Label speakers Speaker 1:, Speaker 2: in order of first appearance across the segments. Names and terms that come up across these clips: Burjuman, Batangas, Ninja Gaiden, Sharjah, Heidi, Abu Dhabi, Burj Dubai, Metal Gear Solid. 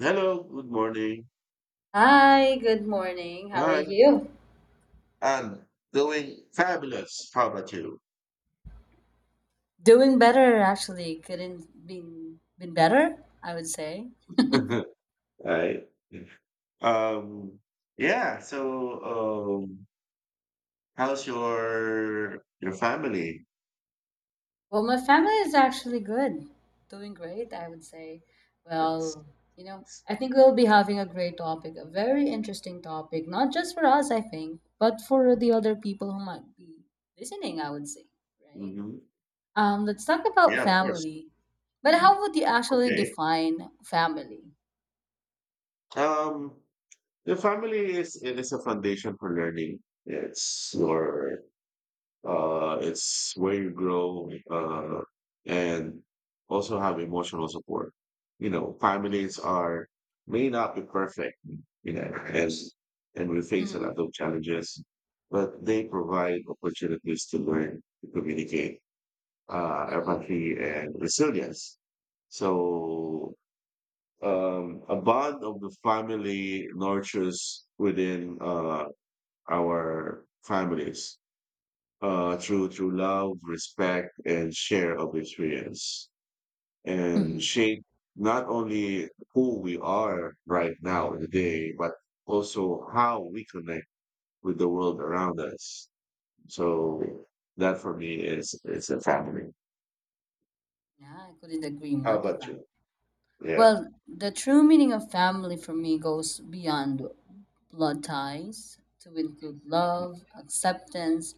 Speaker 1: Hello, good morning.
Speaker 2: Hi, good morning. How are
Speaker 1: Hi,
Speaker 2: you?
Speaker 1: I'm doing fabulous. How about you?
Speaker 2: Doing better, actually. Couldn't been better, I would say.
Speaker 1: Right. Um, yeah, so how's your family?
Speaker 2: Well, my family is actually good. Doing great, I would say.
Speaker 1: That's,
Speaker 2: Well, you know,
Speaker 1: that's-
Speaker 2: I think we'll be having a great topic, a very interesting topic, not just for us, I think, but for the other people who might be listening, I would say, right?
Speaker 1: mhm.
Speaker 2: Let's talk about
Speaker 1: Yeah, of course.
Speaker 2: family. But how would you actually
Speaker 1: Okay.
Speaker 2: define family?
Speaker 1: Um, the family is a foundation for learning. It's your it's where you grow, and also have emotional support. You know, families
Speaker 2: Hmm.
Speaker 1: are may not be perfect, you know, as and we face a lot of challenges, but they provide opportunities to learn, to communicate,
Speaker 2: Hmm.
Speaker 1: empathy, and resilience. So a bond of the family nurtures within, our families, through love, respect, and share of experience, and
Speaker 2: Hmm.
Speaker 1: shape not only who we are right now today, but also how we connect with the world around us. So that for me is a family.
Speaker 2: Yeah, I couldn't agree more,
Speaker 1: How about
Speaker 2: Devon.
Speaker 1: you? Yeah.
Speaker 2: Well, the true meaning of family for me goes beyond blood ties to include love, acceptance,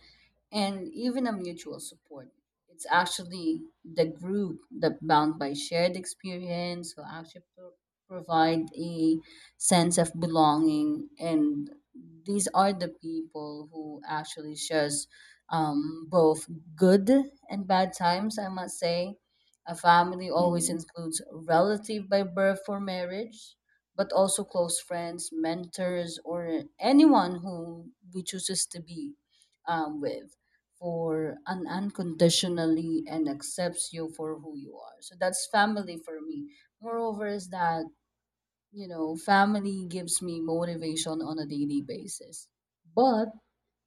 Speaker 2: and even a mutual support. It's actually the group that bound by shared experience who actually provide a sense of belonging, and these are the people who actually shares both good and bad times, I must say a family always
Speaker 1: Mhm.
Speaker 2: includes relative by birth or marriage, but also close friends, mentors, or anyone who we chooses to be with for an unconditionally and accepts you for who you are. So that's family for me. Moreover, is that family gives me motivation on a daily basis, but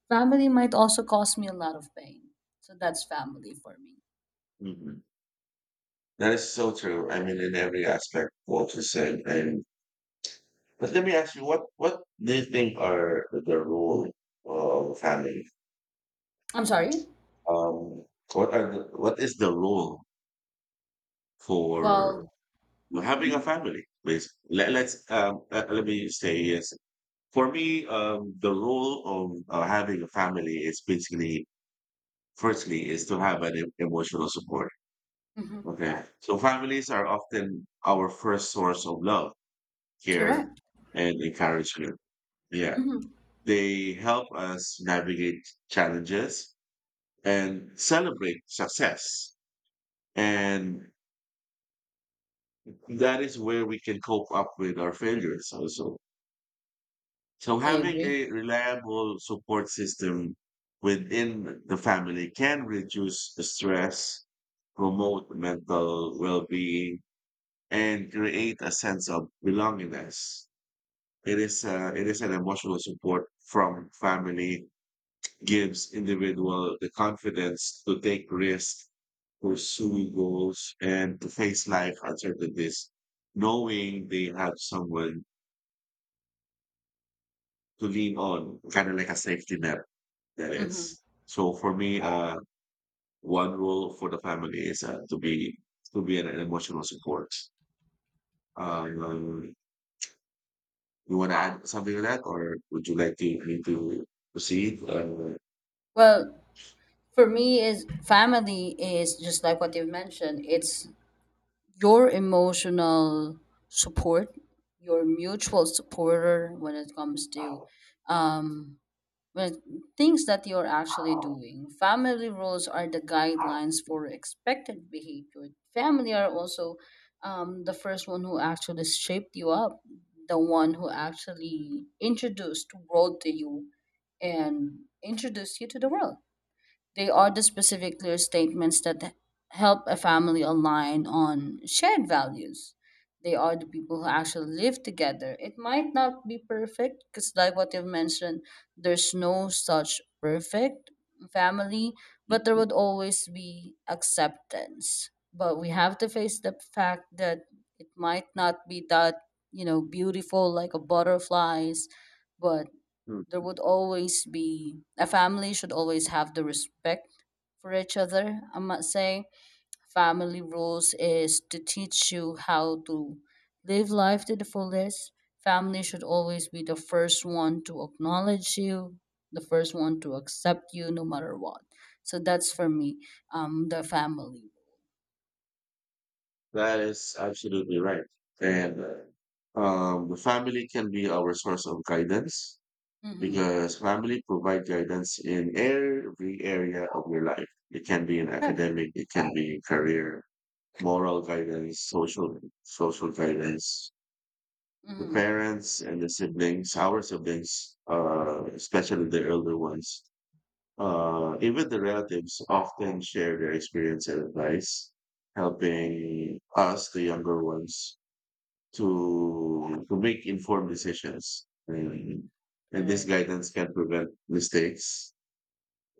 Speaker 2: family might also cause me a lot of pain. So that's family for me.
Speaker 1: Mhm. That is so true. I mean, in every aspect, what you said. And but let me ask you, what do you think are the role of family?
Speaker 2: I'm sorry.
Speaker 1: Um, what is the role for
Speaker 2: Well.
Speaker 1: having a family? Basically, let me say yes. For me, the role of, having a family is basically, firstly, is to have an emotional support. Okay, so families are often our first source of love, care,
Speaker 2: Correct.
Speaker 1: and encouragement. Yeah,
Speaker 2: Hmm.
Speaker 1: they help us navigate challenges and celebrate success. And that is where we can cope up with our failures also. So
Speaker 2: I
Speaker 1: having
Speaker 2: agree.
Speaker 1: a reliable support system within the family can reduce the stress, promote mental well-being, and create a sense of belongingness. It is an emotional support from family gives individual the confidence to take risks, pursue goals, and to face life uncertainties knowing they have someone to lean on, kind of like a safety net. That
Speaker 2: Hmm.
Speaker 1: is. So for me, one role for the family is, to be an emotional support. Um, you want to add something to that, or would you like to me to proceed?
Speaker 2: Well, for me, is family is just like what you've mentioned. It's your emotional support, your mutual supporter when it comes to, um, well, things that you're actually doing. Family rules are the guidelines for expected behavior. Family are also the first one who actually shaped you up, the one who actually introduced world to you and introduced you to the world. They are the specific, clear statements that help a family align on shared values. They are the people who actually live together. It might not be perfect because, like what you've mentioned, there's no such perfect family, but there would always be acceptance. But we have to face the fact that it might not be that, beautiful like a butterflies, but there
Speaker 1: Mm.
Speaker 2: would always be. A family should always have the respect for each other, I must say. Family rules is to teach you how to live life to the fullest. Family should always be the first one to acknowledge you, the first one to accept you no matter what. So that's for me, the family.
Speaker 1: That is absolutely right. And, the family can be our source of guidance,
Speaker 2: Mm-hmm.
Speaker 1: because family provide guidance in every area of your life. It can be in
Speaker 2: Correct.
Speaker 1: academic, it can be in career, moral guidance, social guidance. The
Speaker 2: Mm-hmm.
Speaker 1: parents and the siblings, our siblings, especially the elder ones,
Speaker 2: Mm-hmm.
Speaker 1: even the relatives often share their experience and advice, helping us, the younger ones, to make informed decisions. And this
Speaker 2: Correct.
Speaker 1: guidance can prevent mistakes,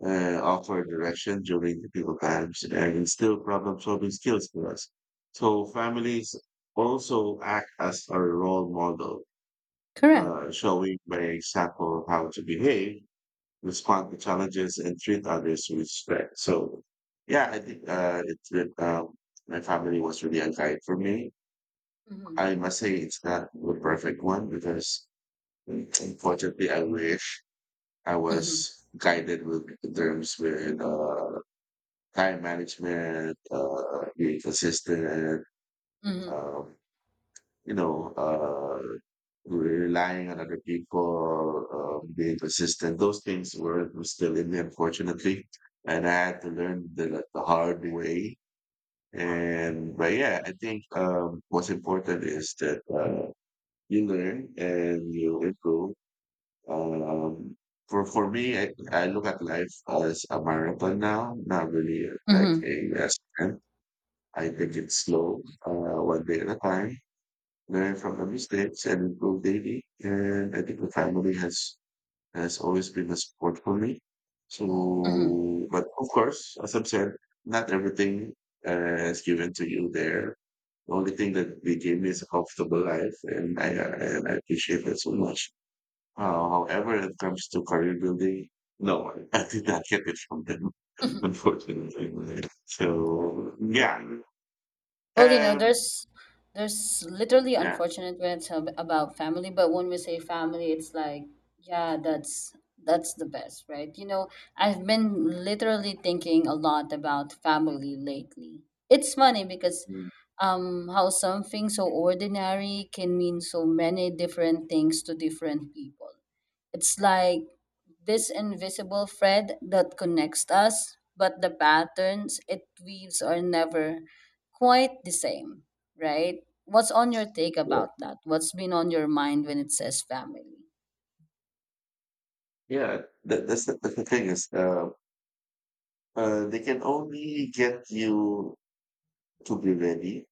Speaker 1: offer direction during difficult times and instill problem solving skills for us. So families also act as a role model,
Speaker 2: Correct.
Speaker 1: showing by example how to behave, respond to challenges, and treat others with respect. So, yeah, I think, my family was really a guide for me.
Speaker 2: Mm-hmm.
Speaker 1: I must say it's not the perfect one because unfortunately I wish I
Speaker 2: Mm-hmm.
Speaker 1: was guided with in terms with, time management, being consistent,
Speaker 2: Mm-hmm.
Speaker 1: um, you know, uh, relying on other people, being persistent. Those things were still in me, unfortunately. And I had to learn the hard way. And, but yeah, I think, what's important is that, you learn and you improve. Um, for me, I look at life as a marathon now, not really, like
Speaker 2: Mm-hmm.
Speaker 1: a sprint. I think it's slow, one day at a time, learn from the mistakes and improve daily. And I think the family has always been a support for me. So,
Speaker 2: Mm-hmm.
Speaker 1: but of course, as I've said, not everything, is given to you there. The only thing that they gave me is a comfortable life, and I appreciate that so much. However, it comes to career building, no, I did not get it from them, unfortunately. So, yeah.
Speaker 2: Well, you know,
Speaker 1: Um,
Speaker 2: there's literally
Speaker 1: yeah.
Speaker 2: unfortunate when it's about family, but when we say family, it's like, yeah, that's the best, right? You know, I've been literally thinking a lot about family lately. It's funny because
Speaker 1: Mm.
Speaker 2: how something so ordinary can mean so many different things to different people. It's like this invisible thread that connects us, but the patterns it weaves are never quite the same, right? What's on your take
Speaker 1: Yeah,
Speaker 2: about that? What's been on your mind when it says family?
Speaker 1: yeah. That's the thing is, they can only get you to be ready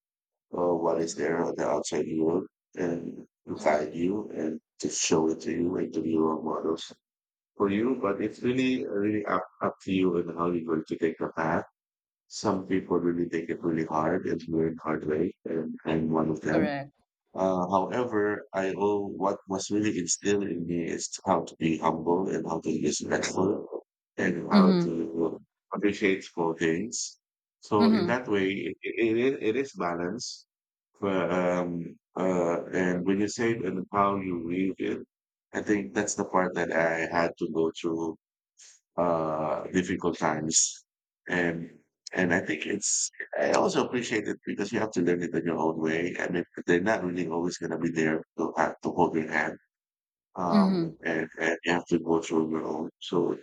Speaker 1: for what is
Speaker 2: Mm-hmm.
Speaker 1: there on the outside world and guide
Speaker 2: Mm-hmm.
Speaker 1: you and to show it to you and to be role models for you. But it's really, really up to you and how you're going to take the path. Some people really take it really hard and learn hard way, and I'm one of them.
Speaker 2: Correct.
Speaker 1: However, I owe what was really instilled in me is how to be humble and how to be respectful and how
Speaker 2: Mm-hmm.
Speaker 1: to appreciate small things. So in
Speaker 2: Mm-hmm.
Speaker 1: that way, it is balance. But, and when you say it and how you read it, I think that's the part that I had to go through difficult times, and I think it's, I also appreciate it because you have to learn it in your own way. I mean, they're not really always going to be there to have to hold your hand,
Speaker 2: Mm-hmm.
Speaker 1: and, you have to go through your own. So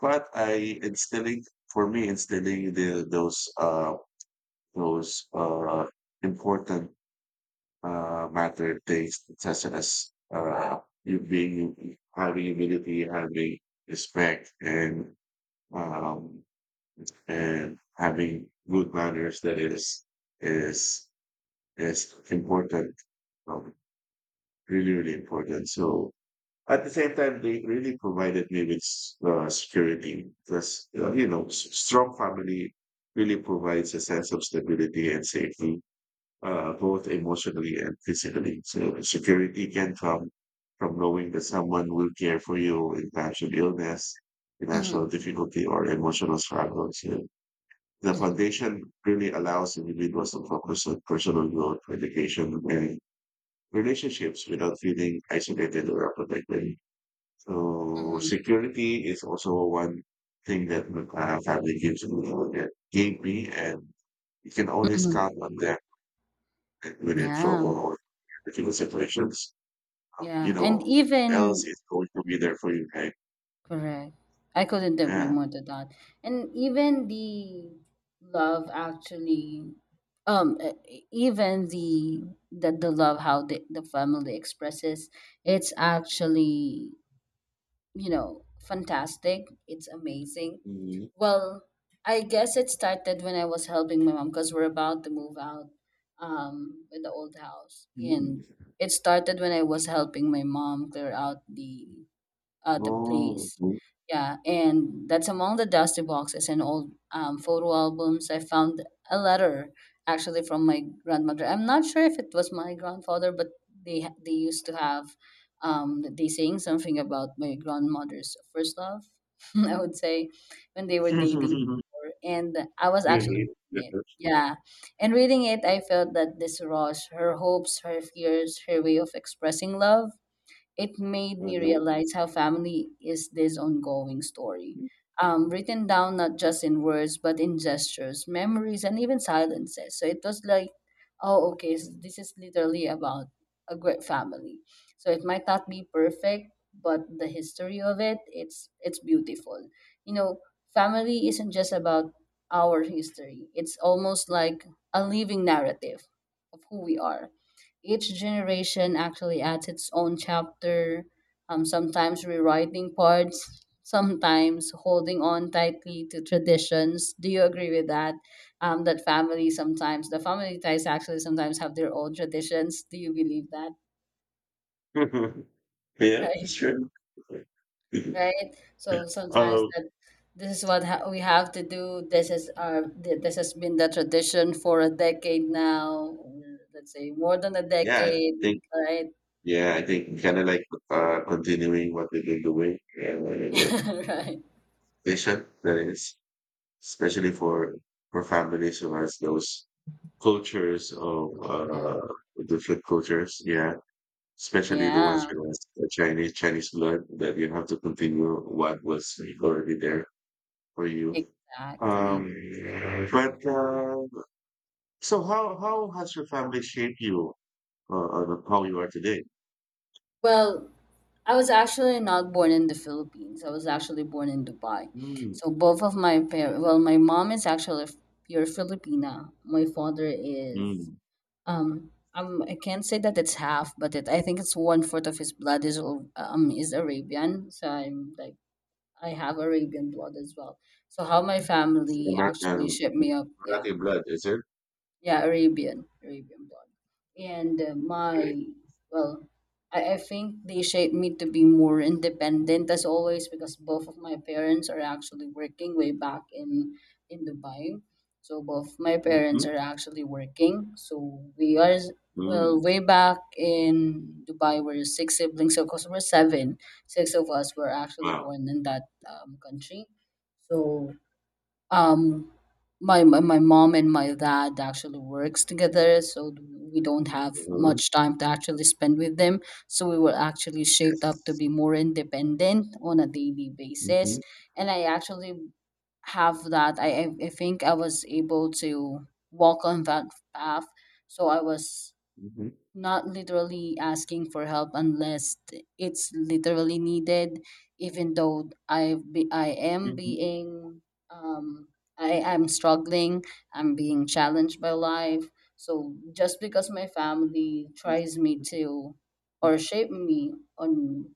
Speaker 1: but I instilling for me instilling the those important, matter things such as, you being having humility, having respect, um and having good manners, that is is important, um, really really important. So at the same time they really provided me with, security, because, strong family really provides a sense of stability and safety, both emotionally and physically. So security can come from knowing that someone will care for you in times of illness, financial
Speaker 2: Mm-hmm.
Speaker 1: difficulty or emotional struggles. So, the foundation really allows individuals to focus on personal growth, education, and relationships without feeling isolated or protected. So
Speaker 2: Mm-hmm.
Speaker 1: security is also one thing that, family gives me, that gave me, and you can always
Speaker 2: Mm-hmm.
Speaker 1: count on them when in
Speaker 2: Yeah.
Speaker 1: trouble or difficult situations. You
Speaker 2: Yeah. And
Speaker 1: know, else
Speaker 2: even
Speaker 1: is going to be there for you, right?
Speaker 2: Correct. I couldn't agree
Speaker 1: Yeah.
Speaker 2: more to that. And even the love, actually, even the love, how the family expresses it's actually, fantastic. It's amazing.
Speaker 1: Mhm.
Speaker 2: Well, I guess it started when I was helping my mom because we're about to move out, with the old house.
Speaker 1: Mhm.
Speaker 2: And it started when I was helping my mom clear out the
Speaker 1: Oh.
Speaker 2: place. Yeah, and that's among the dusty boxes and old, photo albums. I found a letter actually from my grandmother. I'm not sure if it was my grandfather, but they used to have, they saying something about my grandmother's first love. I would say when they were dating, before, and I was actually
Speaker 1: Really? Mhm.
Speaker 2: reading it. Yeah, and reading it, I felt that this was her hopes, her fears, her way of expressing love. It made me
Speaker 1: Mhm.
Speaker 2: realize how family is this ongoing story. Written down not just in words, but in gestures, memories, and even silences. So it was like, oh, okay, s this is literally about a great family. So it might not be perfect, but the history of it, it's beautiful. You know, family isn't just about our history. It's almost like a living narrative of who we are. Each generation actually adds its own chapter, sometimes rewriting parts, sometimes holding on tightly to traditions. Do you agree with that? That family sometimes, the family ties actually sometimes have their own traditions. Do you believe that?
Speaker 1: Yeah, sure.
Speaker 2: Right, right. So sometimes
Speaker 1: Um,
Speaker 2: that this is what we have to do. This is our this has been the tradition for a decade now. Or let's say more than a
Speaker 1: yeah, I
Speaker 2: decade,
Speaker 1: think,
Speaker 2: right?
Speaker 1: yeah, I think kind of like, continuing what they've been doing and what it is.
Speaker 2: Right.
Speaker 1: They should, that is, especially for families who has those cultures of,
Speaker 2: Yeah.
Speaker 1: different cultures. Yeah, especially the ones
Speaker 2: Yeah,
Speaker 1: with the Chinese blood that you have to continue what was already there for you. Um,
Speaker 2: exactly.
Speaker 1: but so how has your family shaped you? That's how you are today.
Speaker 2: Well, I was actually not born in the Philippines. I was actually born in Dubai.
Speaker 1: Mm,
Speaker 2: So both of my parents, well, my mom is actually pure Filipina. My father is,
Speaker 1: mm.
Speaker 2: I can't say that it's half, but I think it's one fourth of his blood is Arabian. So I'm like I have Arabian blood as well. So how my family actually
Speaker 1: American,
Speaker 2: shipped me up, yeah.
Speaker 1: Marathi blood, is it?
Speaker 2: Yeah, Arabian, Arabian blonde. And
Speaker 1: Okay.
Speaker 2: well, I think they shaped me to be more independent as always because both of my parents are actually working way back in Dubai. So both my parents
Speaker 1: Mm-hmm.
Speaker 2: are actually working. So we are, well,
Speaker 1: Mm.
Speaker 2: way back in Dubai, we're six siblings. So because we're seven, six of us were actually
Speaker 1: Wow.
Speaker 2: born in that, country. So um, my mom and my dad actually works together, so we don't have
Speaker 1: Mm-hmm.
Speaker 2: much time to actually spend with them. So we were actually shaped up to
Speaker 1: Yes.
Speaker 2: be more independent on a daily basis,
Speaker 1: Mm-hmm.
Speaker 2: and I actually have that. I think I was able to walk on that path, so I was
Speaker 1: Mm-hmm.
Speaker 2: not literally asking for help unless it's literally needed, even though
Speaker 1: Mm-hmm.
Speaker 2: um I am struggling. I'm being challenged by life, so just because my family tries me to or
Speaker 1: Mm-hmm.
Speaker 2: shape me on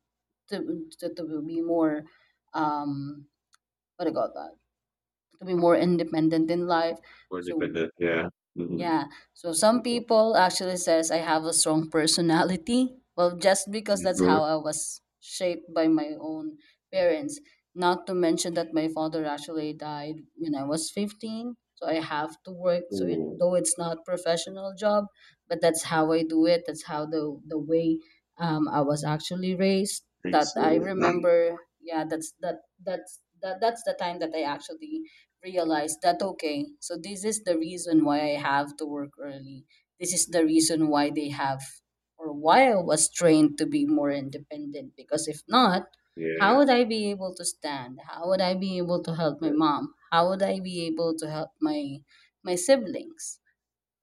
Speaker 2: to to be more, um what do you call that, to be more independent in life.
Speaker 1: More
Speaker 2: So
Speaker 1: independent, yeah. Mm-hmm.
Speaker 2: yeah. So some people actually says I have a strong personality. Well, just because that's
Speaker 1: Mm-hmm.
Speaker 2: how I was shaped by my own parents. Not to mention that my father actually died when I was 15. So I have to work. So
Speaker 1: Oh,
Speaker 2: though it's not professional job, but that's how I do it. That's how the way, I was actually raised. That
Speaker 1: thanks for
Speaker 2: I
Speaker 1: that.
Speaker 2: remember. Yeah, that's that's the time that I actually realize that, okay, so this is the reason why I have to work early. This is the reason why they have, or why I was trained to be more independent, because if not, how
Speaker 1: Yeah,
Speaker 2: would I be able to stand? How would I be able to help my mom? How would I be able to help my siblings,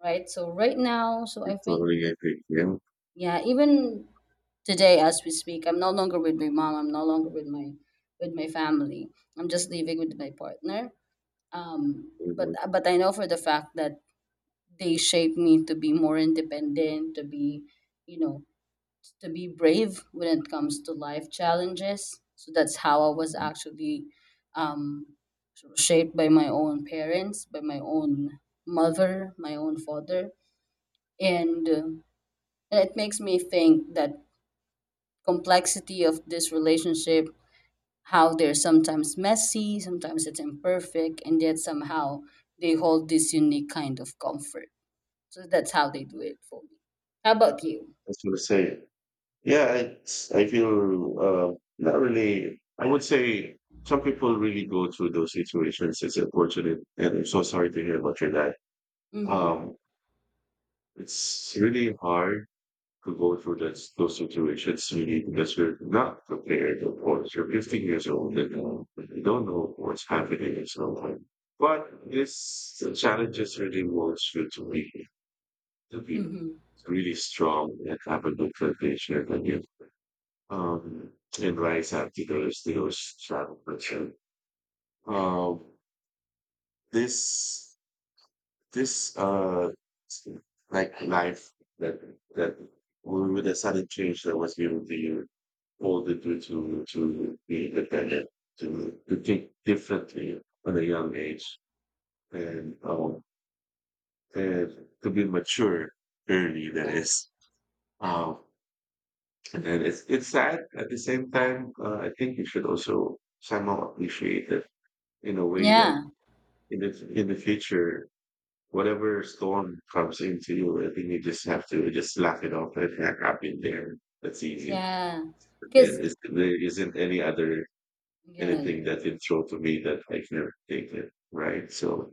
Speaker 2: right? So right now, so
Speaker 1: I
Speaker 2: I think
Speaker 1: totally agree. Yeah.
Speaker 2: yeah, even today as we speak, I'm no longer with my mom, I'm no longer with my family. I'm just living with my partner. um but
Speaker 1: Mm-hmm.
Speaker 2: uh, but I know for the fact that they shaped me to be more independent, to be, you know to be brave when it comes to life challenges. So that's how I was actually, um shaped by my own parents, by my own mother, my own father. And it makes me think that complexity of this relationship, how they're sometimes messy, sometimes it's imperfect, and yet somehow they hold this unique kind of comfort. So that's how they do it for me. How about you?
Speaker 1: That's what I say. Yeah, it's, I feel, not really. I would say some people really go through those situations. It's unfortunate, and I'm so sorry to hear about your dad.
Speaker 2: Mm-hmm.
Speaker 1: Um, it's really hard to go through those situations really because you're not prepared. Of course, you're 15 years old and, you don't know what's happening at some point. But this the challenges really wants you to be
Speaker 2: Mm-hmm.
Speaker 1: really strong and have a good foundation, and you, um, and writes articles, videos, travel culture. Uh, this this like life that that with the sudden change that was given to you, all the to be independent, to think differently at a young age, and um and to be mature early. That
Speaker 2: Yeah.
Speaker 1: is, um, and it's sad at the same time. I think you should also somehow appreciate that in a way that
Speaker 2: Yeah.
Speaker 1: in the future, whatever storm comes into you, I think you just have to just laugh it off and "Ah, I've been there. That's easy.
Speaker 2: Yeah. Because,
Speaker 1: And it's, there isn't any other
Speaker 2: yeah.
Speaker 1: anything
Speaker 2: Yeah.
Speaker 1: that can throw to me that I can take it. Right. So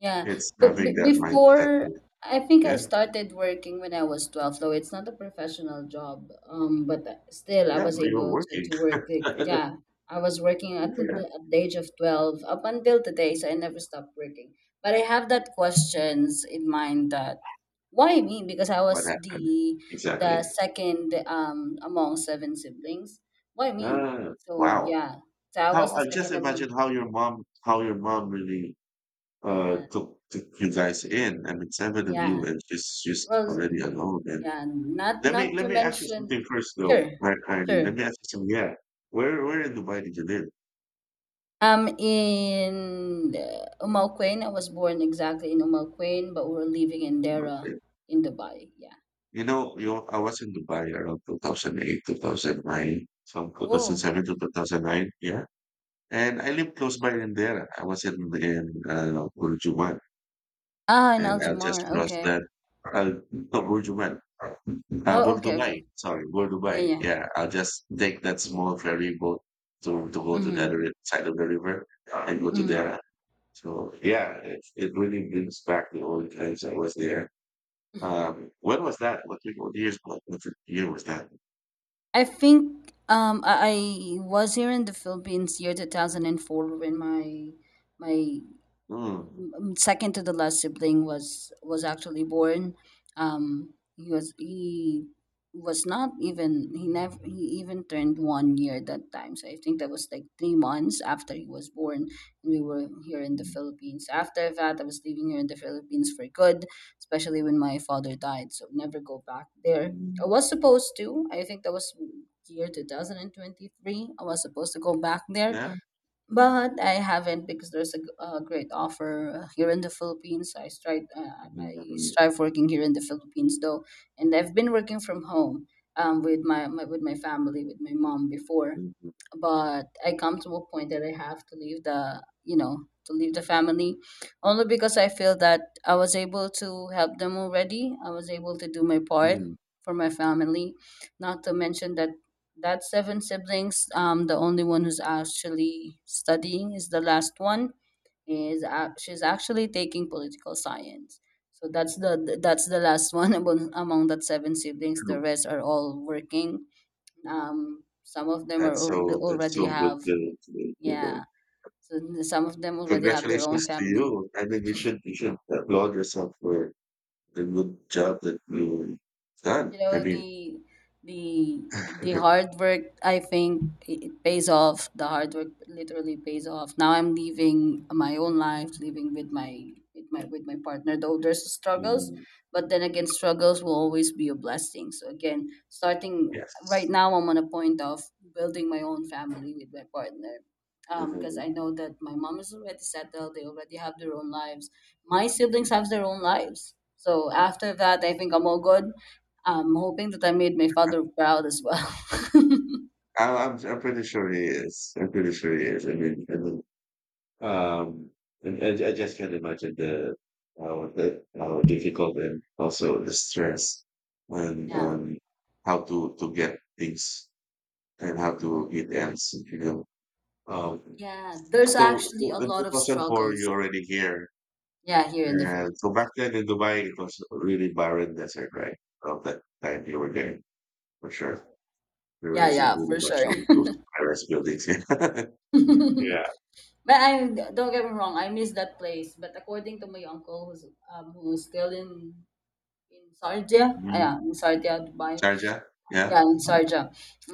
Speaker 2: Yeah,
Speaker 1: it's
Speaker 2: but b
Speaker 1: having that mindset.
Speaker 2: before I think I
Speaker 1: Yeah.
Speaker 2: started working when I was 12, though it's not a professional job. But still, I
Speaker 1: Yeah.
Speaker 2: was
Speaker 1: You're
Speaker 2: able to,
Speaker 1: working.
Speaker 2: to work. The, yeah, I was working at the,
Speaker 1: Yeah.
Speaker 2: the- at the age of 12 up until today, so I never stopped working. But I have that questions in mind that why me? Because I
Speaker 1: What
Speaker 2: was
Speaker 1: happened?
Speaker 2: the
Speaker 1: Exactly.
Speaker 2: second, among seven siblings. Why me?
Speaker 1: Ah,
Speaker 2: So
Speaker 1: wow.
Speaker 2: yeah, so I
Speaker 1: How
Speaker 2: was the
Speaker 1: I just
Speaker 2: second
Speaker 1: imagine
Speaker 2: among.
Speaker 1: how your mom really
Speaker 2: Yeah,
Speaker 1: to you guys in. I mean, seven of you,
Speaker 2: yeah.
Speaker 1: and she's
Speaker 2: Well.
Speaker 1: already alone. And
Speaker 2: Yeah, not not to
Speaker 1: let me ask you
Speaker 2: mention,
Speaker 1: something first, though,
Speaker 2: sure,
Speaker 1: right, Heidi?
Speaker 2: sure.
Speaker 1: Let me ask you something. Yeah, where in Dubai did you live?
Speaker 2: I'm in Umalquain. I was born exactly in Umalquain, but we're living in Dera
Speaker 1: Okay.
Speaker 2: in Dubai. Yeah.
Speaker 1: You know, you I was in Dubai around 2008, 2009, from
Speaker 2: Oh.
Speaker 1: 2007 to 2009. Yeah, and I lived close by in there. I was in Burjuman.
Speaker 2: Ah, in Al
Speaker 1: And I'll just
Speaker 2: Jamar.
Speaker 1: cross
Speaker 2: Okay.
Speaker 1: that. I'll no, Burj Dubai.
Speaker 2: Oh,
Speaker 1: Burj
Speaker 2: okay, okay.
Speaker 1: Dubai. Sorry, Burj
Speaker 2: Yeah,
Speaker 1: Dubai.
Speaker 2: yeah.
Speaker 1: Yeah, I'll just take that small ferry boat to go to the
Speaker 2: Mm-hmm.
Speaker 1: other side of the river and go to
Speaker 2: Mm-hmm.
Speaker 1: there. So yeah, it really brings back the old times I was there.
Speaker 2: Mm-hmm.
Speaker 1: When was that? What years? What year was that?
Speaker 2: I think I was here in the Philippines year 2004 when my my
Speaker 1: Mm.
Speaker 2: mm, second to the last sibling was actually born. He was not even, he never, he even turned 1 year that time, so I think that was like 3 months after he was born. We were here in the Philippines. After that, I was living here in the Philippines for good, especially when my father died, so never go back there. I was supposed to, I think that was year 2023, I was supposed to go back there,
Speaker 1: Yeah.
Speaker 2: but I haven't because there's a, a great offer here in the Philippines. I
Speaker 1: Mm.
Speaker 2: strive working here in the Philippines though, and I've been working from home, with my family, with my mom before, but I come to a point that I have to leave the to leave the family, only because I feel that I was able to help them already. I was able to do my part for my family, not to mention that that's seven siblings. The only one who's actually studying is the last one. She's actually taking political science. So that's the last one among that seven siblings. The rest are all working. Some of them they
Speaker 1: That's
Speaker 2: already
Speaker 1: so good
Speaker 2: have,
Speaker 1: to,
Speaker 2: yeah. So some of them already have their own
Speaker 1: congratulations to
Speaker 2: family.
Speaker 1: you. I mean, you should applaud yourself for the good job that you done.
Speaker 2: You
Speaker 1: I
Speaker 2: know,
Speaker 1: mean,
Speaker 2: the the hard work, I think it pays off. The hard work literally pays off. Now I'm living my own life, living with my partner, though there's struggles,
Speaker 1: mm,
Speaker 2: but then again, struggles will always be a blessing. So again, starting right
Speaker 1: yes.
Speaker 2: now, I'm on a point of building my own family with my partner. Because
Speaker 1: Um,
Speaker 2: I know that my mom is already settled, they already have their own lives. My siblings have their own lives. So after that, I think I'm all good, I'm hoping that I made my father proud as well.
Speaker 1: I'm pretty sure he is. I'm pretty sure he is. Um, and I just can't imagine the how difficult and also the stress and
Speaker 2: Yeah.
Speaker 1: um how to get things and how to get ends. Um.
Speaker 2: Yeah, there's
Speaker 1: So,
Speaker 2: actually
Speaker 1: so
Speaker 2: a
Speaker 1: in
Speaker 2: lot of
Speaker 1: 2004,
Speaker 2: struggles.
Speaker 1: you're already here.
Speaker 2: Yeah, here in the
Speaker 1: And so back
Speaker 2: Philippines.
Speaker 1: then in Dubai, it was really barren desert, right? Of that time you were there, for
Speaker 2: Yeah.
Speaker 1: sure. There
Speaker 2: Yeah,
Speaker 1: isn't
Speaker 2: yeah,
Speaker 1: really
Speaker 2: for
Speaker 1: much
Speaker 2: sure.
Speaker 1: of those high-rise buildings. Yeah. Yeah.
Speaker 2: But, I, don't get me wrong, I miss that place. But according to my uncle who's, still in, Sardia, ah,
Speaker 1: Mhm.
Speaker 2: yeah, in Sardia, Dubai.
Speaker 1: Sharjah. Yeah.
Speaker 2: Yeah, in Sharjah.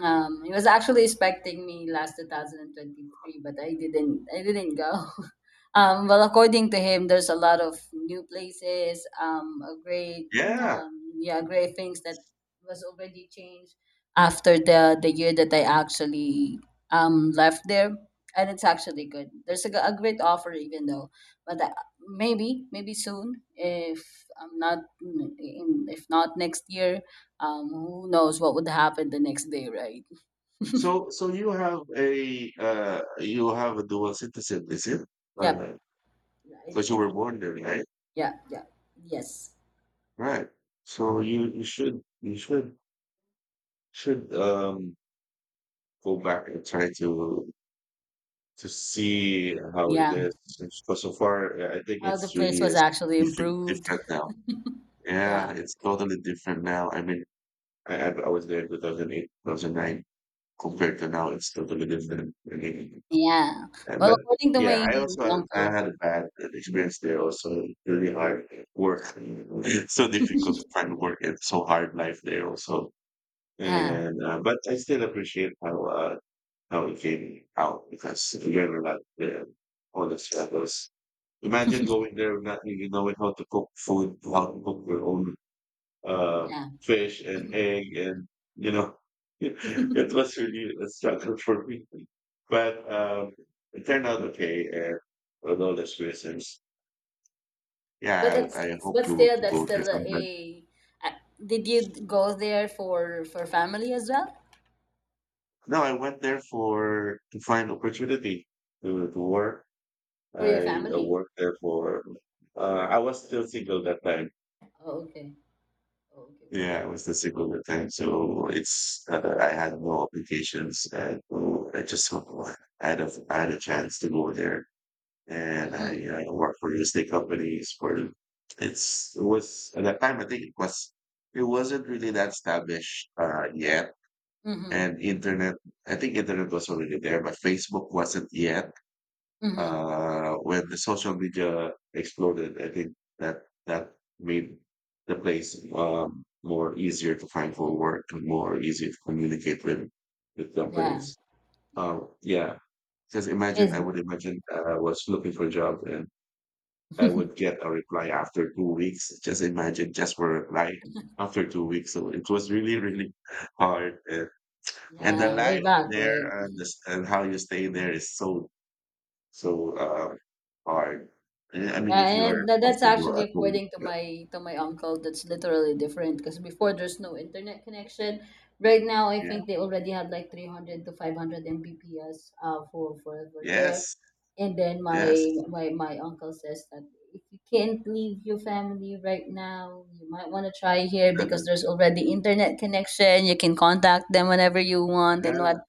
Speaker 2: He was actually expecting me last 2023, but I didn't. I didn't go. Well, according to him, there's a lot of new places, a great,
Speaker 1: Yeah.
Speaker 2: yeah, great things that was already changed after the year that I actually left there, and it's actually good. There's a, a great offer, even though, but maybe maybe soon, if I'm not if not next year, who knows what would happen the next day, right?
Speaker 1: So, so you have a dual citizen, is it?
Speaker 2: Yep,
Speaker 1: Because
Speaker 2: yeah, I
Speaker 1: you
Speaker 2: do.
Speaker 1: were born there, right?
Speaker 2: Yeah, yeah, yes.
Speaker 1: Right. So you should go back and try to see how it
Speaker 2: Yeah,
Speaker 1: is. Because so far, I think
Speaker 2: how the
Speaker 1: it's
Speaker 2: place
Speaker 1: really
Speaker 2: was
Speaker 1: is
Speaker 2: actually
Speaker 1: different,
Speaker 2: improved.
Speaker 1: different now. Yeah,
Speaker 2: Yeah,
Speaker 1: it's totally different now. I mean, I I was there in 2008, 2009. Compared to now, it's totally different. I mean,
Speaker 2: yeah.
Speaker 1: uh,
Speaker 2: Well,
Speaker 1: but
Speaker 2: according to
Speaker 1: yeah,
Speaker 2: my
Speaker 1: I
Speaker 2: uncle,
Speaker 1: had a bad experience there. Also, really hard work, so difficult to find work, and so hard life there also.
Speaker 2: yeah,
Speaker 1: And but I still appreciate how it came out because we learned a lot there, all the struggles. Imagine going there not really knowing how to cook food, how to cook your own uh,
Speaker 2: yeah.
Speaker 1: fish and egg, and you know, it was really a struggle for me. But it turned out okay, and with all those reasons,
Speaker 2: But
Speaker 1: yeah,
Speaker 2: that's,
Speaker 1: I hope
Speaker 2: but still
Speaker 1: to
Speaker 2: that's
Speaker 1: go there
Speaker 2: still a.
Speaker 1: sometime.
Speaker 2: a did you go there for family as well?
Speaker 1: No, I went there for to find opportunity to work.
Speaker 2: For your
Speaker 1: I
Speaker 2: family?
Speaker 1: worked there for. I was still single that time.
Speaker 2: Oh, okay. Oh, okay, okay.
Speaker 1: Yeah, it was the second thing. So it's I had no applications and so I had a I had a chance to go there, and I
Speaker 2: Mm,
Speaker 1: worked for real estate companies. For it's it was at that time I think it was it wasn't really that established yet,
Speaker 2: mm-hmm,
Speaker 1: and internet I think internet was already there, but Facebook wasn't yet,
Speaker 2: mm-hmm.
Speaker 1: when the social media exploded, I think that made the place more easier to find for work and more easier to communicate with
Speaker 2: Yeah,
Speaker 1: companies.
Speaker 2: yeah.
Speaker 1: Yeah, because imagine I
Speaker 2: Is
Speaker 1: would imagine I was looking for a job and I would get a reply after 2 weeks. Just imagine just for a reply after 2 weeks. So it was really really hard and the
Speaker 2: yeah, way
Speaker 1: life
Speaker 2: back,
Speaker 1: there
Speaker 2: right?
Speaker 1: and, the, s- and how you stay there is so hard. Yeah, I mean,
Speaker 2: Yeah,
Speaker 1: if you are
Speaker 2: and that's
Speaker 1: comfortable
Speaker 2: actually
Speaker 1: at home,
Speaker 2: according to
Speaker 1: yeah,
Speaker 2: my uncle, that's literally different because before there's no internet connection. Right now, I
Speaker 1: yeah.
Speaker 2: think they already have like 300 to 500 Mbps for there.
Speaker 1: Yes,
Speaker 2: And then my
Speaker 1: yes.
Speaker 2: my my uncle says that if you can't leave your family right now, you might want to try here because there's already internet connection. You can contact them whenever you want, and what,
Speaker 1: Yeah.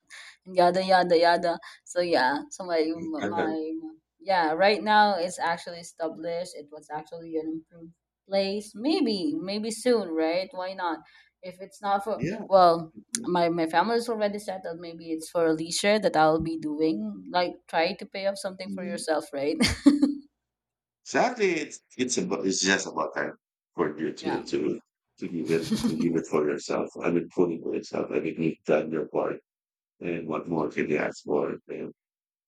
Speaker 2: and yada yada yada. So yeah, so my
Speaker 1: Mhm.
Speaker 2: my yeah, right now it's actually established. It was actually an improved place. Maybe maybe soon, right? Why not? If it's not for,
Speaker 1: Yeah.
Speaker 2: well,
Speaker 1: Mhm,
Speaker 2: my family is already settled, maybe it's for a leisure that I'll be doing, like try to pay off something for
Speaker 1: mhm.
Speaker 2: yourself, right?
Speaker 1: Exactly, it's about it's just about time for you
Speaker 2: Yeah.
Speaker 1: to to give it for yourself. I mean, fully for yourself. I mean, you've done your part, and what more can you ask for?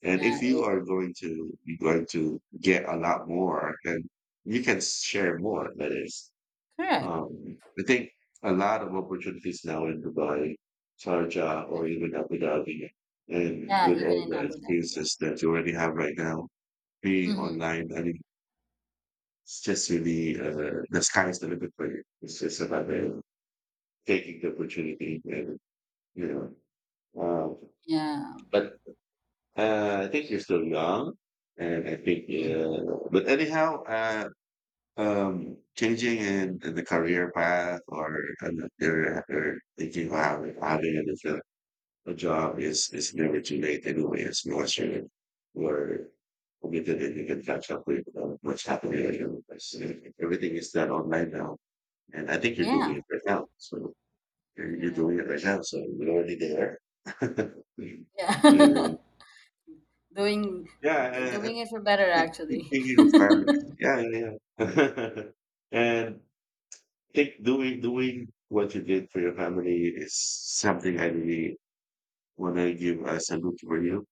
Speaker 1: And
Speaker 2: Yeah,
Speaker 1: if you are going to be going to get a lot more, then you can share more. That is.
Speaker 2: correct.
Speaker 1: I think a lot of opportunities now in Dubai, Sharjah, or even Abu Dhabi, and
Speaker 2: Yeah,
Speaker 1: with
Speaker 2: even
Speaker 1: all
Speaker 2: in
Speaker 1: the
Speaker 2: Abu Dhabi, yeah.
Speaker 1: experiences that you already have right now, being
Speaker 2: Mm-hmm.
Speaker 1: online, I mean, it's just really the sky's the limit for you. It's just about taking the opportunity, and you know. Um,
Speaker 2: Yeah.
Speaker 1: but I think you're still young, and I think,
Speaker 2: Mhm.
Speaker 1: but anyhow, changing in the career path or you're thinking wow if I didn't get a job is never too late anyway. Anyways unless you were committed and you can catch up with what's happening in your life. So, everything is done online now and I think you're doing
Speaker 2: Yeah.
Speaker 1: it right now so you're
Speaker 2: Correct.
Speaker 1: doing it right now so you're already there. yeah
Speaker 2: Yeah. Doing,
Speaker 1: yeah. I
Speaker 2: doing it for better
Speaker 1: think
Speaker 2: actually.
Speaker 1: thinking of families yeah yeah yeah, and think doing doing what you did for your family is something I really want to give a salute for you,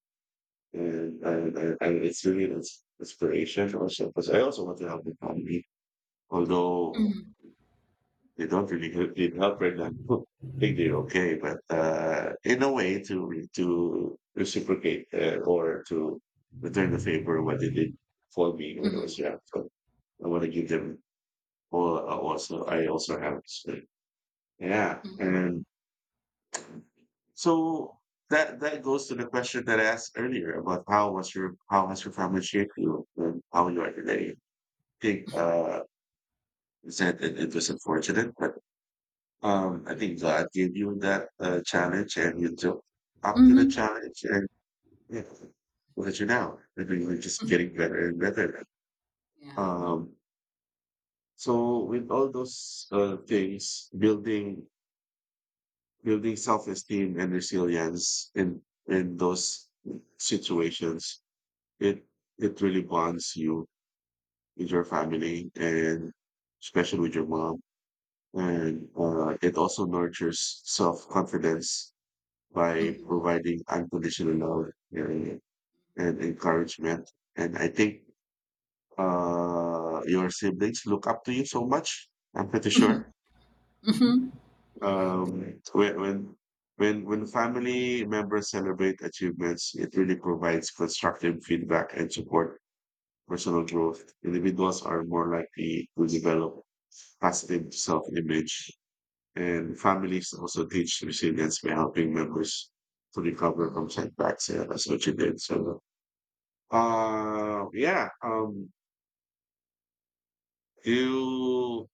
Speaker 1: and and it's really inspiration also because I also want to help the family, although
Speaker 2: Mhm.
Speaker 1: they don't really help, need help right now. I think they're okay, but in a way to to reciprocate or to return the favor what they did for me when I was
Speaker 2: Mhm.
Speaker 1: young. So I want to give them all. Also, I also have. So, yeah,
Speaker 2: Mhm.
Speaker 1: and so that goes to the question that I asked earlier about how has your family shaped you and how you are today. I think you said it, it was unfortunate, but I think God gave you that challenge and you took up to the
Speaker 2: Mhm.
Speaker 1: challenge and yeah, look at you now. I mean, you're just
Speaker 2: Mhm.
Speaker 1: getting better and better.
Speaker 2: Yeah.
Speaker 1: Um so with all those things, building self esteem and resilience in those situations. It it really bonds you with your family and especially with your mom. And it also nurtures self confidence by
Speaker 2: Mhm.
Speaker 1: providing unconditional love and, and encouragement. And I think your siblings look up to you so much. I'm pretty sure.
Speaker 2: Mhm.
Speaker 1: Um, when when when family members celebrate achievements, it really provides constructive feedback and support personal growth, individuals are more likely to develop positive self-image, and families also teach resilience by helping members to recover
Speaker 2: Mhm.
Speaker 1: from setbacks. Yeah, that's what you did. So, yeah. You.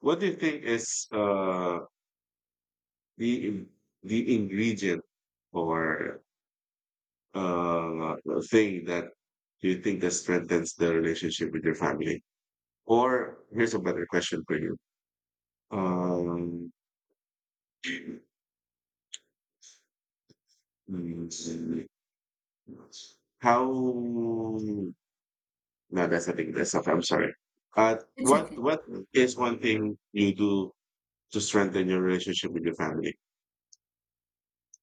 Speaker 1: What do you think is the in- the ingredient or uh thing that you think that strengthens the relationship with your family? Or here's a better question for you. Um, Mm, How? No, that's a thing. That's okay. I'm sorry. Uh,
Speaker 2: It's
Speaker 1: what
Speaker 2: okay.
Speaker 1: what is one thing you do to strengthen your relationship with your family?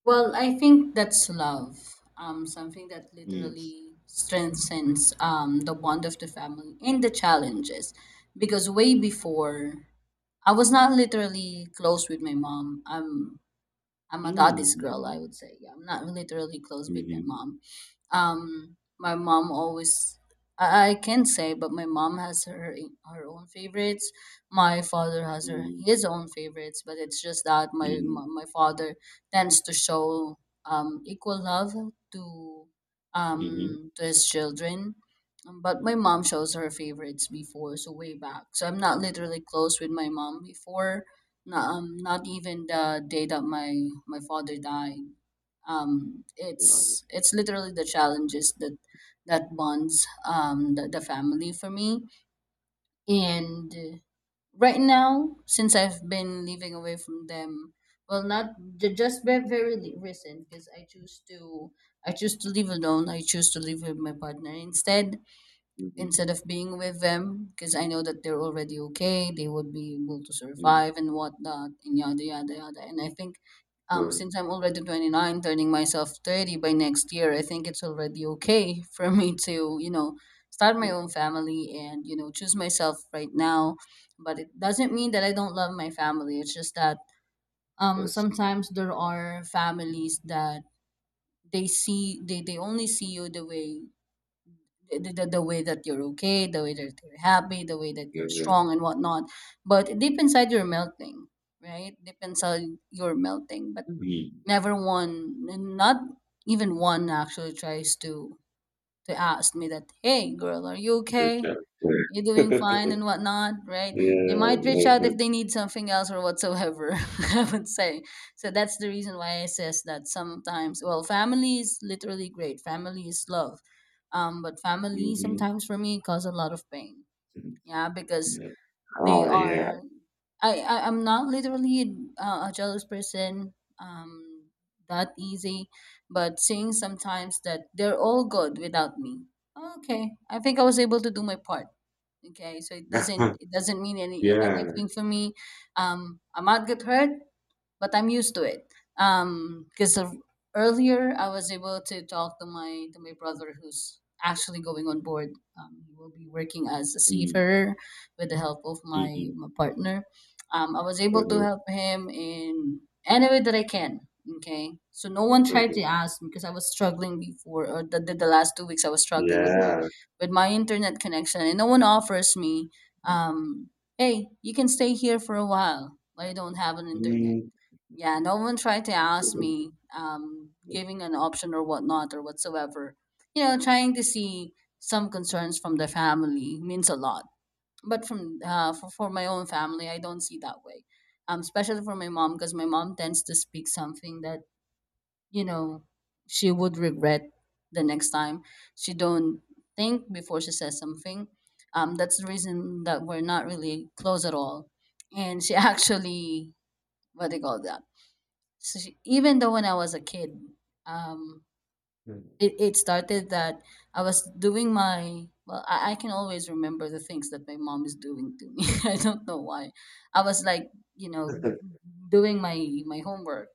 Speaker 2: Well, I think that's love. Something that
Speaker 1: Mm.
Speaker 2: literally strengthens, the bond of the family and the challenges. Because way before, I was not literally close with my mom. I'm a daddy's
Speaker 1: Mm.
Speaker 2: girl, I would say. Yeah, I'm not really literally close with my
Speaker 1: Mhm.
Speaker 2: mom. My mom always, I can say, but my mom has her own favorites. My father has her
Speaker 1: Mm.
Speaker 2: his own favorites, but it's just that
Speaker 1: Mhm.
Speaker 2: my father tends to show, equal love to,
Speaker 1: Mhm.
Speaker 2: to his children. But my mom shows her favorites before, so way back. So I'm not literally close with my mom before, not, not even the day that my father died.
Speaker 1: Wow.
Speaker 2: It's literally the challenges that that bonds, the, family for me. And right now, since I've been living away from them, well, not just very, very recent, because I choose to live alone. I choose to live with my partner
Speaker 1: Mhm.
Speaker 2: instead of being with them because I know that they're already okay. They would be able to
Speaker 1: Mhm.
Speaker 2: survive and whatnot and yada yada yada. And I think,
Speaker 1: Good.
Speaker 2: since I'm already 29, turning myself 30 by next year, I think it's already okay for me to, you know, start my
Speaker 1: Good. Of
Speaker 2: own family, and, you know, choose myself right now. But it doesn't mean that I don't love my family. It's just that,
Speaker 1: course.
Speaker 2: sometimes there are families that they only see you the way, the way that you're okay, the way that you're happy, the way that
Speaker 1: Yeah.
Speaker 2: you're
Speaker 1: Yeah.
Speaker 2: strong and whatnot. But deep inside, you're melting, right? Deep inside, you're melting. But
Speaker 1: Mhm.
Speaker 2: never one, not even one, actually tries to ask me that, "Hey, girl, are you
Speaker 1: Good
Speaker 2: okay?
Speaker 1: job.
Speaker 2: You're doing
Speaker 1: Yeah.
Speaker 2: fine and whatnot, right?" They
Speaker 1: Yeah.
Speaker 2: might reach out if
Speaker 1: Mhm.
Speaker 2: they need something else or whatsoever, I would say. So that's the reason why I says that sometimes, well, family is literally great. Family is love. But family sometimes for me cause a lot of pain.
Speaker 1: Mhm.
Speaker 2: Yeah, because
Speaker 1: Yeah.
Speaker 2: they
Speaker 1: Oh yeah.
Speaker 2: are, I'm not literally a jealous person. Um, that easy, but seeing sometimes that they're all good without me. Okay, I think I was able to do my part. Okay, so it doesn't mean
Speaker 1: Yeah.
Speaker 2: anything for me. I might get hurt, but I'm used to it. Because earlier I was able to talk to my brother who's actually going on board. He will be working as a
Speaker 1: Mm.
Speaker 2: seafarer with the help of
Speaker 1: Mhm.
Speaker 2: my partner. I was able to
Speaker 1: Mhm,
Speaker 2: help him in any way that I can. Okay, so no one tried to
Speaker 1: mhm.
Speaker 2: ask me, because I was struggling before, or the last 2 weeks I was struggling with my,
Speaker 1: Yeah.
Speaker 2: internet connection, and no one offers me, um, hey, you can stay here for a while, I don't have an internet.
Speaker 1: Mm.
Speaker 2: Yeah, no one tried to ask
Speaker 1: Mhm,
Speaker 2: me, giving an option or whatnot or whatsoever. You know, trying to see some concerns from the family means a lot. But from for, my own family, I don't see that way. Especially for my mom, because my mom tends to speak something that, you know, she would regret the next time. She don't think before she says something. That's the reason that we're not really close at all. And she actually, what do you call that? Even though when I was a kid, um, it started that I was doing my, well, I can always remember the things that my mom is doing to me. I don't know why. I was like, you know, doing my homework.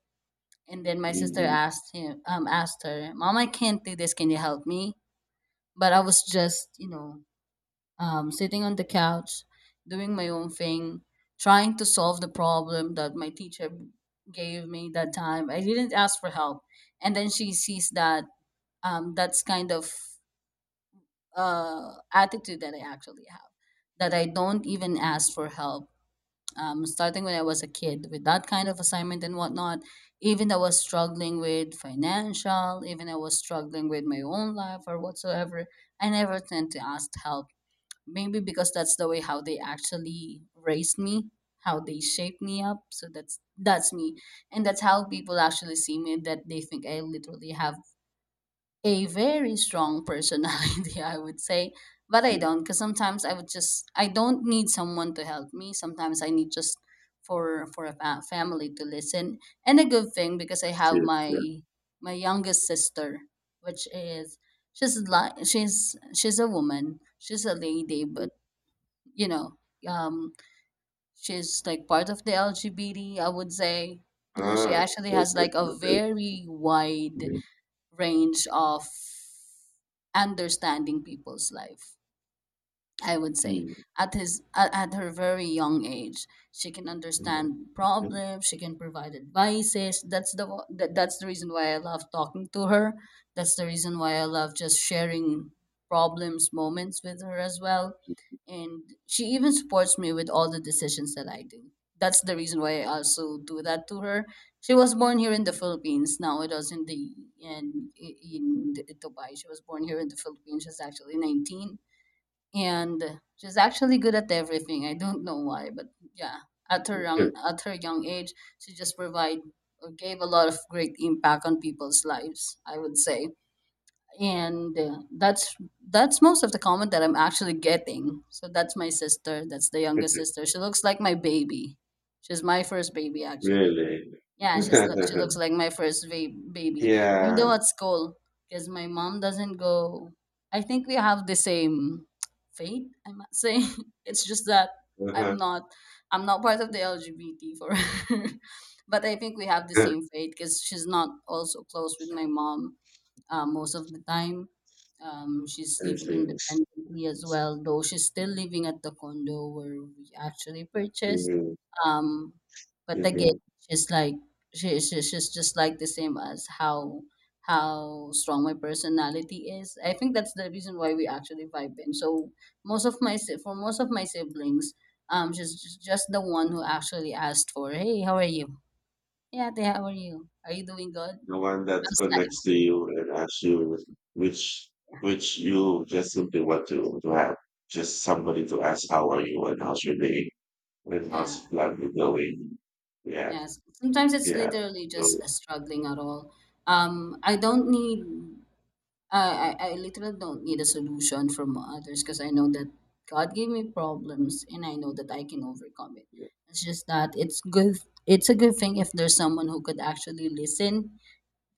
Speaker 2: And then my sister
Speaker 1: mhm.
Speaker 2: asked him, asked her, Mom, I can't do this. Can you help me? But I was just, you know, sitting on the couch, doing my own thing, trying to solve the problem that my teacher gave me that time. I didn't ask for help, and then she sees that, that's kind of, attitude that I actually have, that I don't even ask for help. Starting when I was a kid with that kind of assignment and whatnot, even I was struggling with financial, even I was struggling with my own life or whatsoever, I never tend to ask help, maybe because that's the way how they actually raised me, how they shaped me up, so that's me, and that's how people actually see me, that they think I literally have a very strong personality I would say. But I
Speaker 1: Yes,
Speaker 2: don't, because sometimes I would just, I don't need someone to help me, sometimes I need just for a family to listen. And a good thing because I have
Speaker 1: yes, yes.
Speaker 2: my youngest sister, which is, she's a woman, she's a lady, but, you know, um, she's like part of the LGBT, I would say. Mm, she
Speaker 1: Ah,
Speaker 2: actually has
Speaker 1: that's it,
Speaker 2: like a
Speaker 1: okay.
Speaker 2: very wide
Speaker 1: Mhm,
Speaker 2: range of understanding people's life. I would say
Speaker 1: mhm,
Speaker 2: at her very young age, she can
Speaker 1: mhm,
Speaker 2: understand problems. She can provide advices. That's the reason why I love talking to her. That's the reason why I love just sharing problems, moments with her as well.
Speaker 1: mhm.
Speaker 2: And she even supports me with all the decisions that I do. That's the reason why I also do that to her. She was born here in the Philippines. Now it was in the in Dubai. She was born here in the Philippines. She's actually 19, and she's actually good at everything. I don't know why, but yeah, at her young age, she just provide or gave a lot of great impact on people's lives, I would say, and that's most of the comment that I'm actually getting. So that's my sister. That's the youngest sister. She looks like my baby. She's my first baby, actually.
Speaker 1: Really?
Speaker 2: Yeah, she looks like my first baby, even though
Speaker 1: Yeah.
Speaker 2: at school, because my mom doesn't go. I think we have the same fate, I must say, it's just that I'm
Speaker 1: Uh-huh.
Speaker 2: not I'm not part of the LGBT for her, but I think we have the same fate because she's not also close with my mom most of the time. She's
Speaker 1: I
Speaker 2: living
Speaker 1: see.
Speaker 2: independently as well, though she's still living at the condo where we actually purchased.
Speaker 1: Mhm,
Speaker 2: Um, but again,
Speaker 1: mhm.
Speaker 2: she's like she's just like the same as how strong my personality is. I think that's the reason why we actually vibe in. So most of my si- for most of my siblings, she's just the one who actually asked for, "Hey, how are you? Yeah, they, how are you? Are you doing good?"
Speaker 1: The
Speaker 2: I
Speaker 1: one that
Speaker 2: was
Speaker 1: connects to you and asks you which
Speaker 2: like,
Speaker 1: which you just simply want to have. Just somebody to ask how are you and how's your day and
Speaker 2: "Yeah."
Speaker 1: how's life going. Yeah,
Speaker 2: Yes, sometimes it's
Speaker 1: yeah.
Speaker 2: literally
Speaker 1: So
Speaker 2: just a struggling at all. I don't need. I literally don't need a solution from others because I know that God gave me problems and I know that I can overcome it.
Speaker 1: yeah,
Speaker 2: It's just that it's good, it's a good thing if there's someone who could actually listen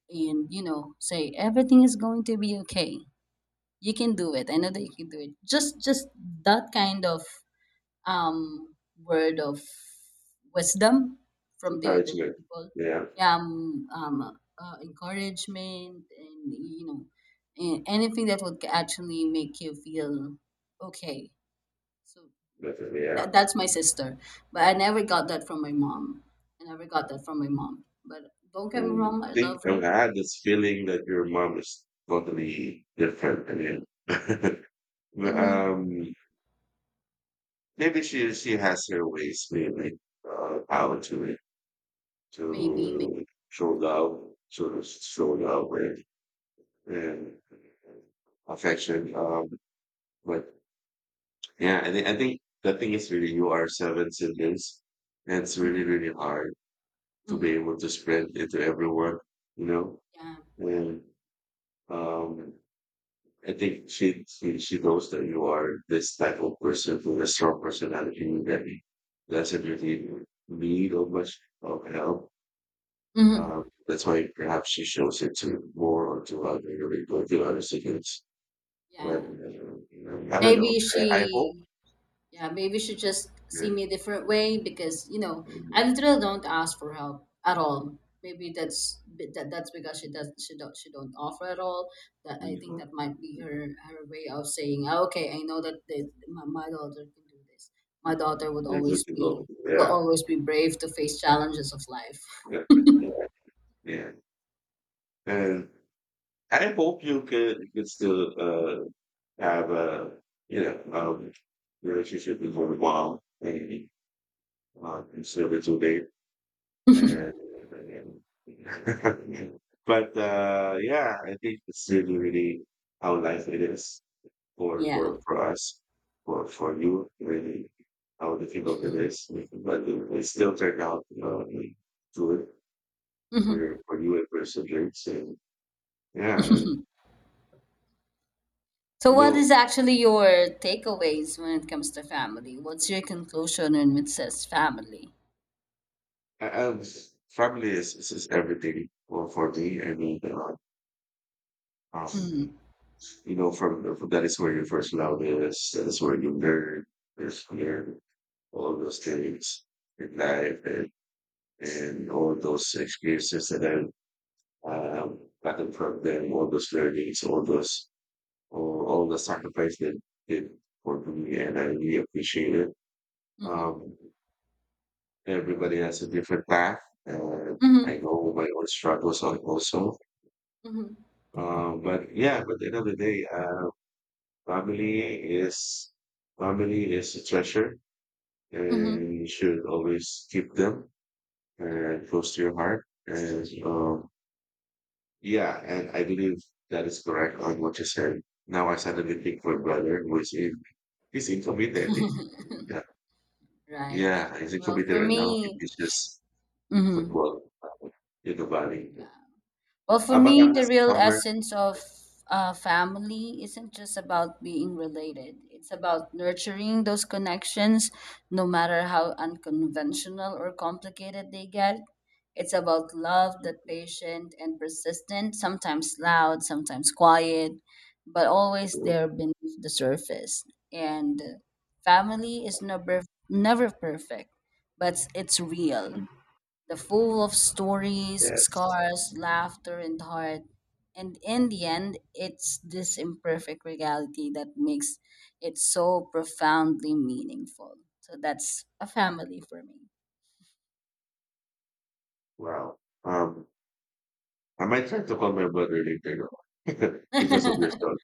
Speaker 2: and, you know, say everything is going to be okay. You can do it. I know that you can do it. Just that kind of um, word of wisdom from the other
Speaker 1: encouragement.
Speaker 2: people.
Speaker 1: Yeah,
Speaker 2: Yeah, encouragement and you know anything that would actually make you feel okay. So
Speaker 1: definitely. Yeah.
Speaker 2: that, that's my sister, but I never got that from my mom. I never got that from my mom. But don't get me
Speaker 1: And
Speaker 2: wrong,
Speaker 1: I
Speaker 2: I
Speaker 1: think
Speaker 2: love
Speaker 1: I've
Speaker 2: her.
Speaker 1: had this feeling that your mom is totally different than you. But,
Speaker 2: Mm-hmm.
Speaker 1: um maybe she has her ways, maybe how
Speaker 2: Maybe, maybe.
Speaker 1: to show love and affection. But yeah, I think the thing is really you are seven siblings, and it's really
Speaker 2: Mm-hmm.
Speaker 1: really hard to be
Speaker 2: Mm-hmm.
Speaker 1: able to spread it to everyone, you know.
Speaker 2: Yeah.
Speaker 1: And um, I think she knows that you are this type of person with a strong personality that doesn't really need of much of help.
Speaker 2: Mm-hmm.
Speaker 1: That's why perhaps she shows it to more or to other people, to other students. But,
Speaker 2: Yeah.
Speaker 1: you know, I don't know.
Speaker 2: Maybe
Speaker 1: I hope
Speaker 2: she Yeah, maybe she just see
Speaker 1: that,
Speaker 2: me a different way because you know I
Speaker 1: uh,
Speaker 2: literally don't ask for help at all. Maybe that's that, that's because she don't offer at all. That, I
Speaker 1: you
Speaker 2: think that
Speaker 1: know,
Speaker 2: might be her her way of saying, "Ah, okay, I know that this, my daughter can do this. My daughter would
Speaker 1: you're good
Speaker 2: always
Speaker 1: to
Speaker 2: be
Speaker 1: go.
Speaker 2: will
Speaker 1: Yeah.
Speaker 2: always be brave to face challenges of life."
Speaker 1: Yeah. Yeah. yeah. And I hope you could still have you know, relationship with your mom, maybe, instead of today. And but yeah, I think it's really, really how life it is
Speaker 2: Yeah.
Speaker 1: for us, for you, really how difficult it is. But it still turned out good for
Speaker 2: Mhm.
Speaker 1: your for you and perseverance. And yeah, and
Speaker 2: So,
Speaker 1: you
Speaker 2: what
Speaker 1: know,
Speaker 2: is actually your takeaways when it comes to family? What's your conclusion when it says family?
Speaker 1: I family is everything for me. I mean, um,
Speaker 2: Mm-hmm.
Speaker 1: you know, from that is where your first love is. That is where you learn. There's fear, all those things in life and all those experiences that I gotten from them, all those learnings, all the sacrifice that did for me, and I really appreciate it.
Speaker 2: Mm-hmm.
Speaker 1: Um, everybody has a different path, and
Speaker 2: Mm-hmm.
Speaker 1: I know my own struggles also.
Speaker 2: Mhm.
Speaker 1: But yeah, but at the end of the day, family is family is a treasure,
Speaker 2: Mhm.
Speaker 1: and you should always keep them
Speaker 2: Correct.
Speaker 1: and close to your heart. And yeah, and I believe that is correct on what you said. Now I suddenly think my brother who is in he's in committee, I think. Yeah,
Speaker 2: Right.
Speaker 1: yeah, he's in
Speaker 2: Well,
Speaker 1: committee
Speaker 2: for
Speaker 1: right now. He
Speaker 2: me,
Speaker 1: teaches
Speaker 2: mhm.
Speaker 1: football in the valley.
Speaker 2: Well, for me, the
Speaker 1: Abatangas
Speaker 2: real
Speaker 1: somewhere.
Speaker 2: essence of family isn't just about being related. It's about nurturing those connections, no matter how unconventional or complicated they get. It's about love that patient and persistent, sometimes loud, sometimes quiet, but always there beneath the surface. And family is never perfect, but it's real, the full of stories,
Speaker 1: Yes.
Speaker 2: scars, laughter, and heart. And in the end, it's this imperfect reality that makes it so profoundly meaningful. So that's a family for me.
Speaker 1: Wow. Um, I might try to call my brother later though, because of your story.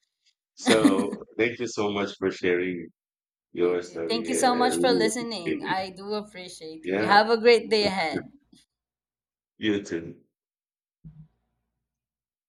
Speaker 1: So thank you so much for sharing
Speaker 2: You
Speaker 1: your
Speaker 2: too.
Speaker 1: story.
Speaker 2: Thank you
Speaker 1: I
Speaker 2: so much for
Speaker 1: really appreciate
Speaker 2: listening.
Speaker 1: it.
Speaker 2: I do appreciate you.
Speaker 1: Yeah.
Speaker 2: Have a great day ahead.
Speaker 1: 越真